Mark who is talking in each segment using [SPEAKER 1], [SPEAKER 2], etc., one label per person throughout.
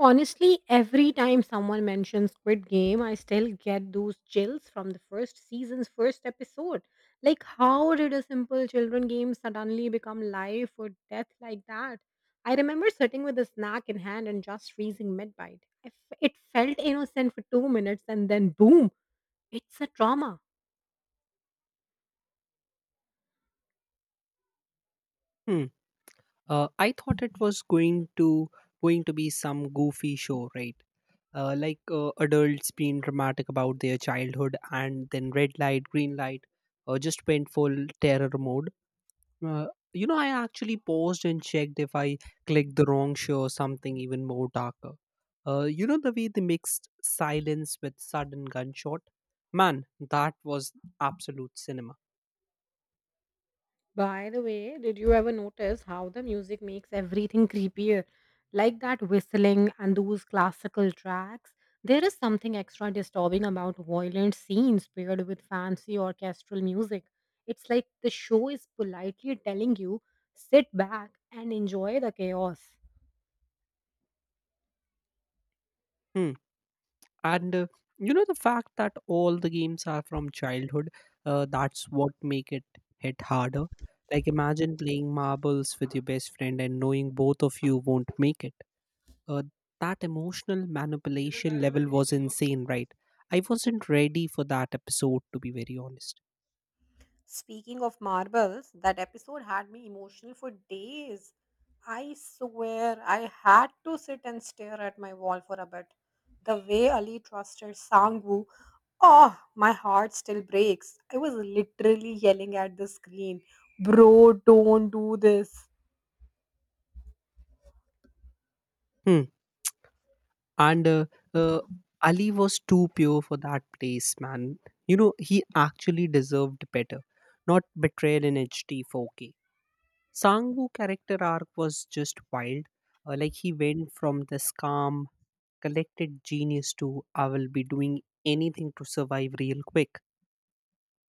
[SPEAKER 1] Honestly, every time someone mentions Squid Game, I still get those chills from the first season's first episode. Like, how did a simple children game suddenly become life or death like that? I remember sitting with a snack in hand and just freezing mid bite. It felt innocent for 2 minutes and then boom, it's a trauma.
[SPEAKER 2] Hmm. I thought it was going to be some goofy show, right? Adults being dramatic about their childhood, and then red light, green light, just went full terror mode. Uh, I actually paused and checked if I clicked the wrong show or something even more darker. You know the way they mixed silence with sudden gunshot. Man, that was absolute cinema.
[SPEAKER 1] By the way, did you ever notice how the music makes everything creepier? Like that whistling and those classical tracks. There is something extra disturbing about violent scenes paired with fancy orchestral music. It's like the show is politely telling you, sit back and enjoy the chaos.
[SPEAKER 2] Hmm. and you know the fact that all the games are from childhood that's what make it hit harder. Like, imagine playing marbles with your best friend and knowing both of you won't make it. uh, that emotional manipulation level was insane, right? I wasn't ready for that episode, to be very honest.
[SPEAKER 1] Speaking of marbles, that episode had me emotional for days. I swear I had to sit and stare at my wall for a bit. The way Ali trusted Sangwoo, oh, my heart still breaks. I was literally yelling at the screen, bro, don't do this.
[SPEAKER 2] Hmm. and uh, Ali was too pure for that place, man. You know, he actually deserved better, not betrayal in HD 4K. Sangwoo character arc was just wild. Like, he went from this calm, collected genius to I will be doing anything to survive real quick.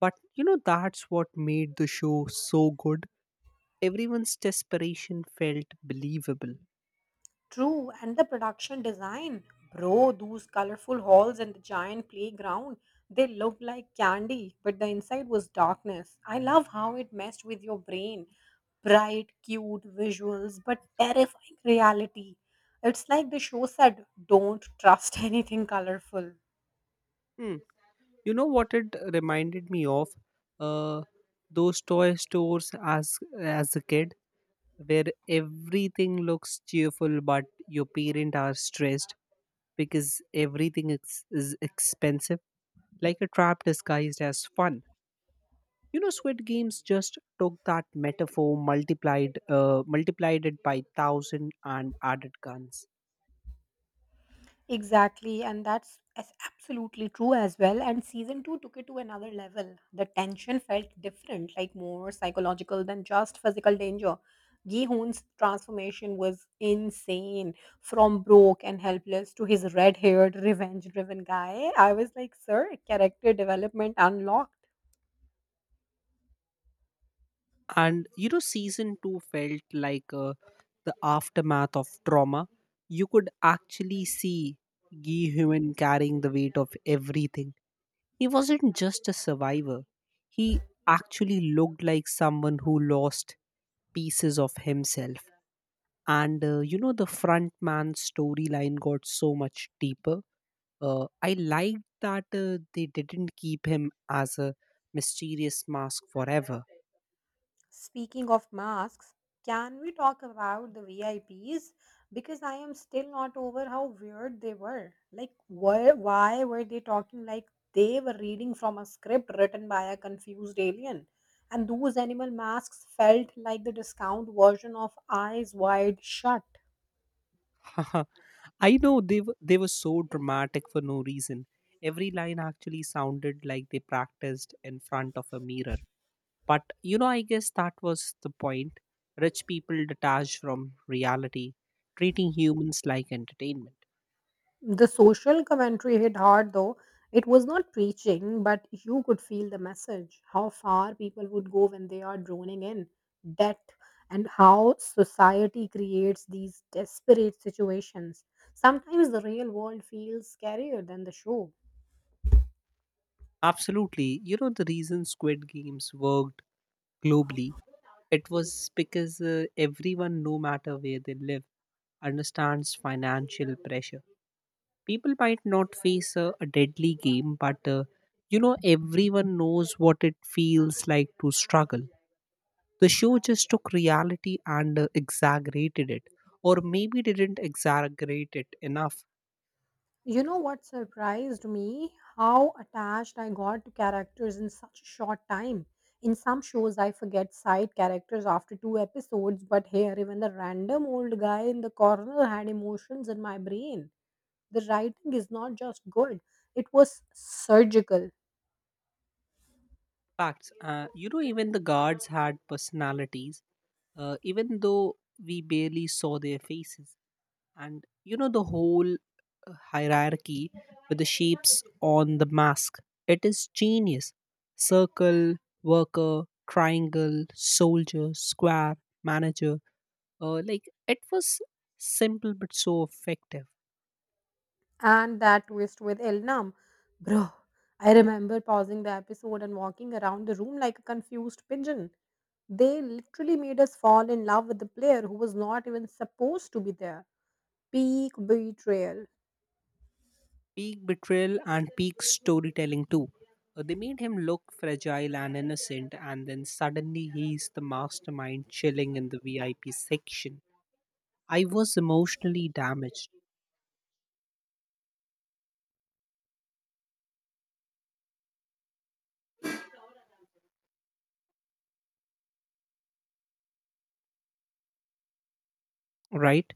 [SPEAKER 2] But you know, that's what made the show so good. Everyone's desperation felt believable.
[SPEAKER 1] True, and the production design. Bro, those colorful halls and the giant playground, they looked like candy, but the inside was darkness. I love how it messed with your brain. Bright, cute visuals, but terrifying reality. It's like the show said, don't trust anything colorful.
[SPEAKER 2] Hmm. You know what it reminded me of? Uh, those toy stores as a kid, where everything looks cheerful but your parents are stressed because everything is expensive, like a trap disguised as fun. You know, Squid Games just took that metaphor, multiplied, multiplied it by thousand, and added guns.
[SPEAKER 1] Exactly, and that's as absolutely true as well. And season two took it to another level. The tension felt different, like more psychological than just physical danger. Gi Hoon's transformation was insane from broke and helpless to his red haired, revenge driven guy. I was like, sir, character development unlocked.
[SPEAKER 2] And you know, season two felt like the aftermath of trauma. You could actually see Gi Human carrying the weight of everything. He wasn't just a survivor; he actually looked like someone who lost pieces of himself. And you know the front man's storyline got so much deeper. I liked that they didn't keep him as a mysterious mask forever.
[SPEAKER 1] Speaking of masks, can we talk about the VIPs? Because I am still not over how weird they were. Like, why were they talking like they were reading from a script written by a confused alien? And those animal masks felt like the discount version of Eyes Wide Shut.
[SPEAKER 2] I know, they were so dramatic for no reason. Every line actually sounded like they practiced in front of a mirror. But you know, I guess that was the point. Rich people detached from reality, treating humans like entertainment.
[SPEAKER 1] The social commentary hit hard though. It was not preaching, but you could feel the message how far people would go when they are droning in debt and how society creates these desperate situations. Sometimes the real world feels scarier than the show.
[SPEAKER 2] Absolutely. You know, the reason Squid Games worked globally, it was because everyone, no matter where they live, understands financial pressure. People might not face a deadly game, but you know, everyone knows what it feels like to struggle. The show just took reality and exaggerated it, or maybe didn't exaggerate it enough.
[SPEAKER 1] You know what surprised me? How attached I got to characters in such a short time. In some shows, I forget side characters after two episodes, but here, even the random old guy in the corner had emotions in my brain. The writing is not just good, it was surgical.
[SPEAKER 2] Facts. You know, even the guards had personalities, even though we barely saw their faces. And you know the whole hierarchy with the shapes on the mask, it is genius. Circle worker, triangle soldier, square manager. Like, it was simple but so effective.
[SPEAKER 1] And that twist with Elnam, bro. I remember pausing the episode and walking around the room like a confused pigeon. They literally made us fall in love with the player who was not even supposed to be there. Peak betrayal.
[SPEAKER 2] Peak betrayal and peak storytelling too. They made him look fragile and innocent, and then suddenly he's the mastermind chilling in the VIP section. I was emotionally damaged, right?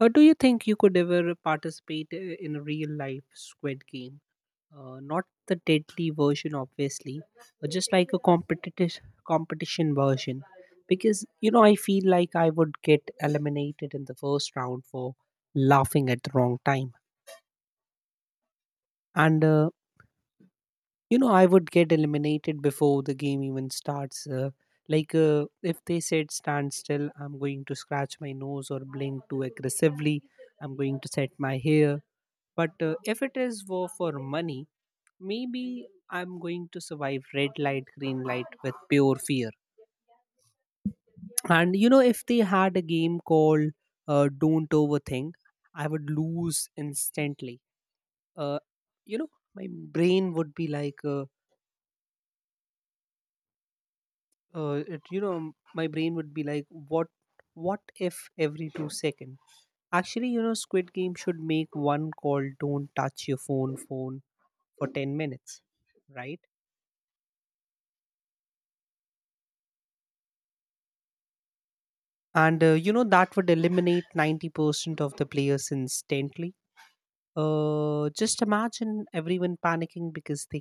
[SPEAKER 2] Do you think you could ever participate in a real life squid game? Not the deadly version, obviously, but just like a competitive competition version. Because you know, I feel like I would get eliminated in the first round for laughing at the wrong time, and you know, I would get eliminated before the game even starts. If they said stand still, I'm going to scratch my nose or blink too aggressively. I'm going to set my hair. But if it is war for money, maybe I'm going to survive red light, green light with pure fear. And you know, if they had a game called Don't Overthink, I would lose instantly. Uh, you know, my brain would be like, my brain would be like, what if every 2 seconds? Actually, you know, Squid Game should make one called Don't Touch Your Phone for 10 minutes, right? and You know, that would eliminate 90% of the players instantly. Just imagine everyone panicking because they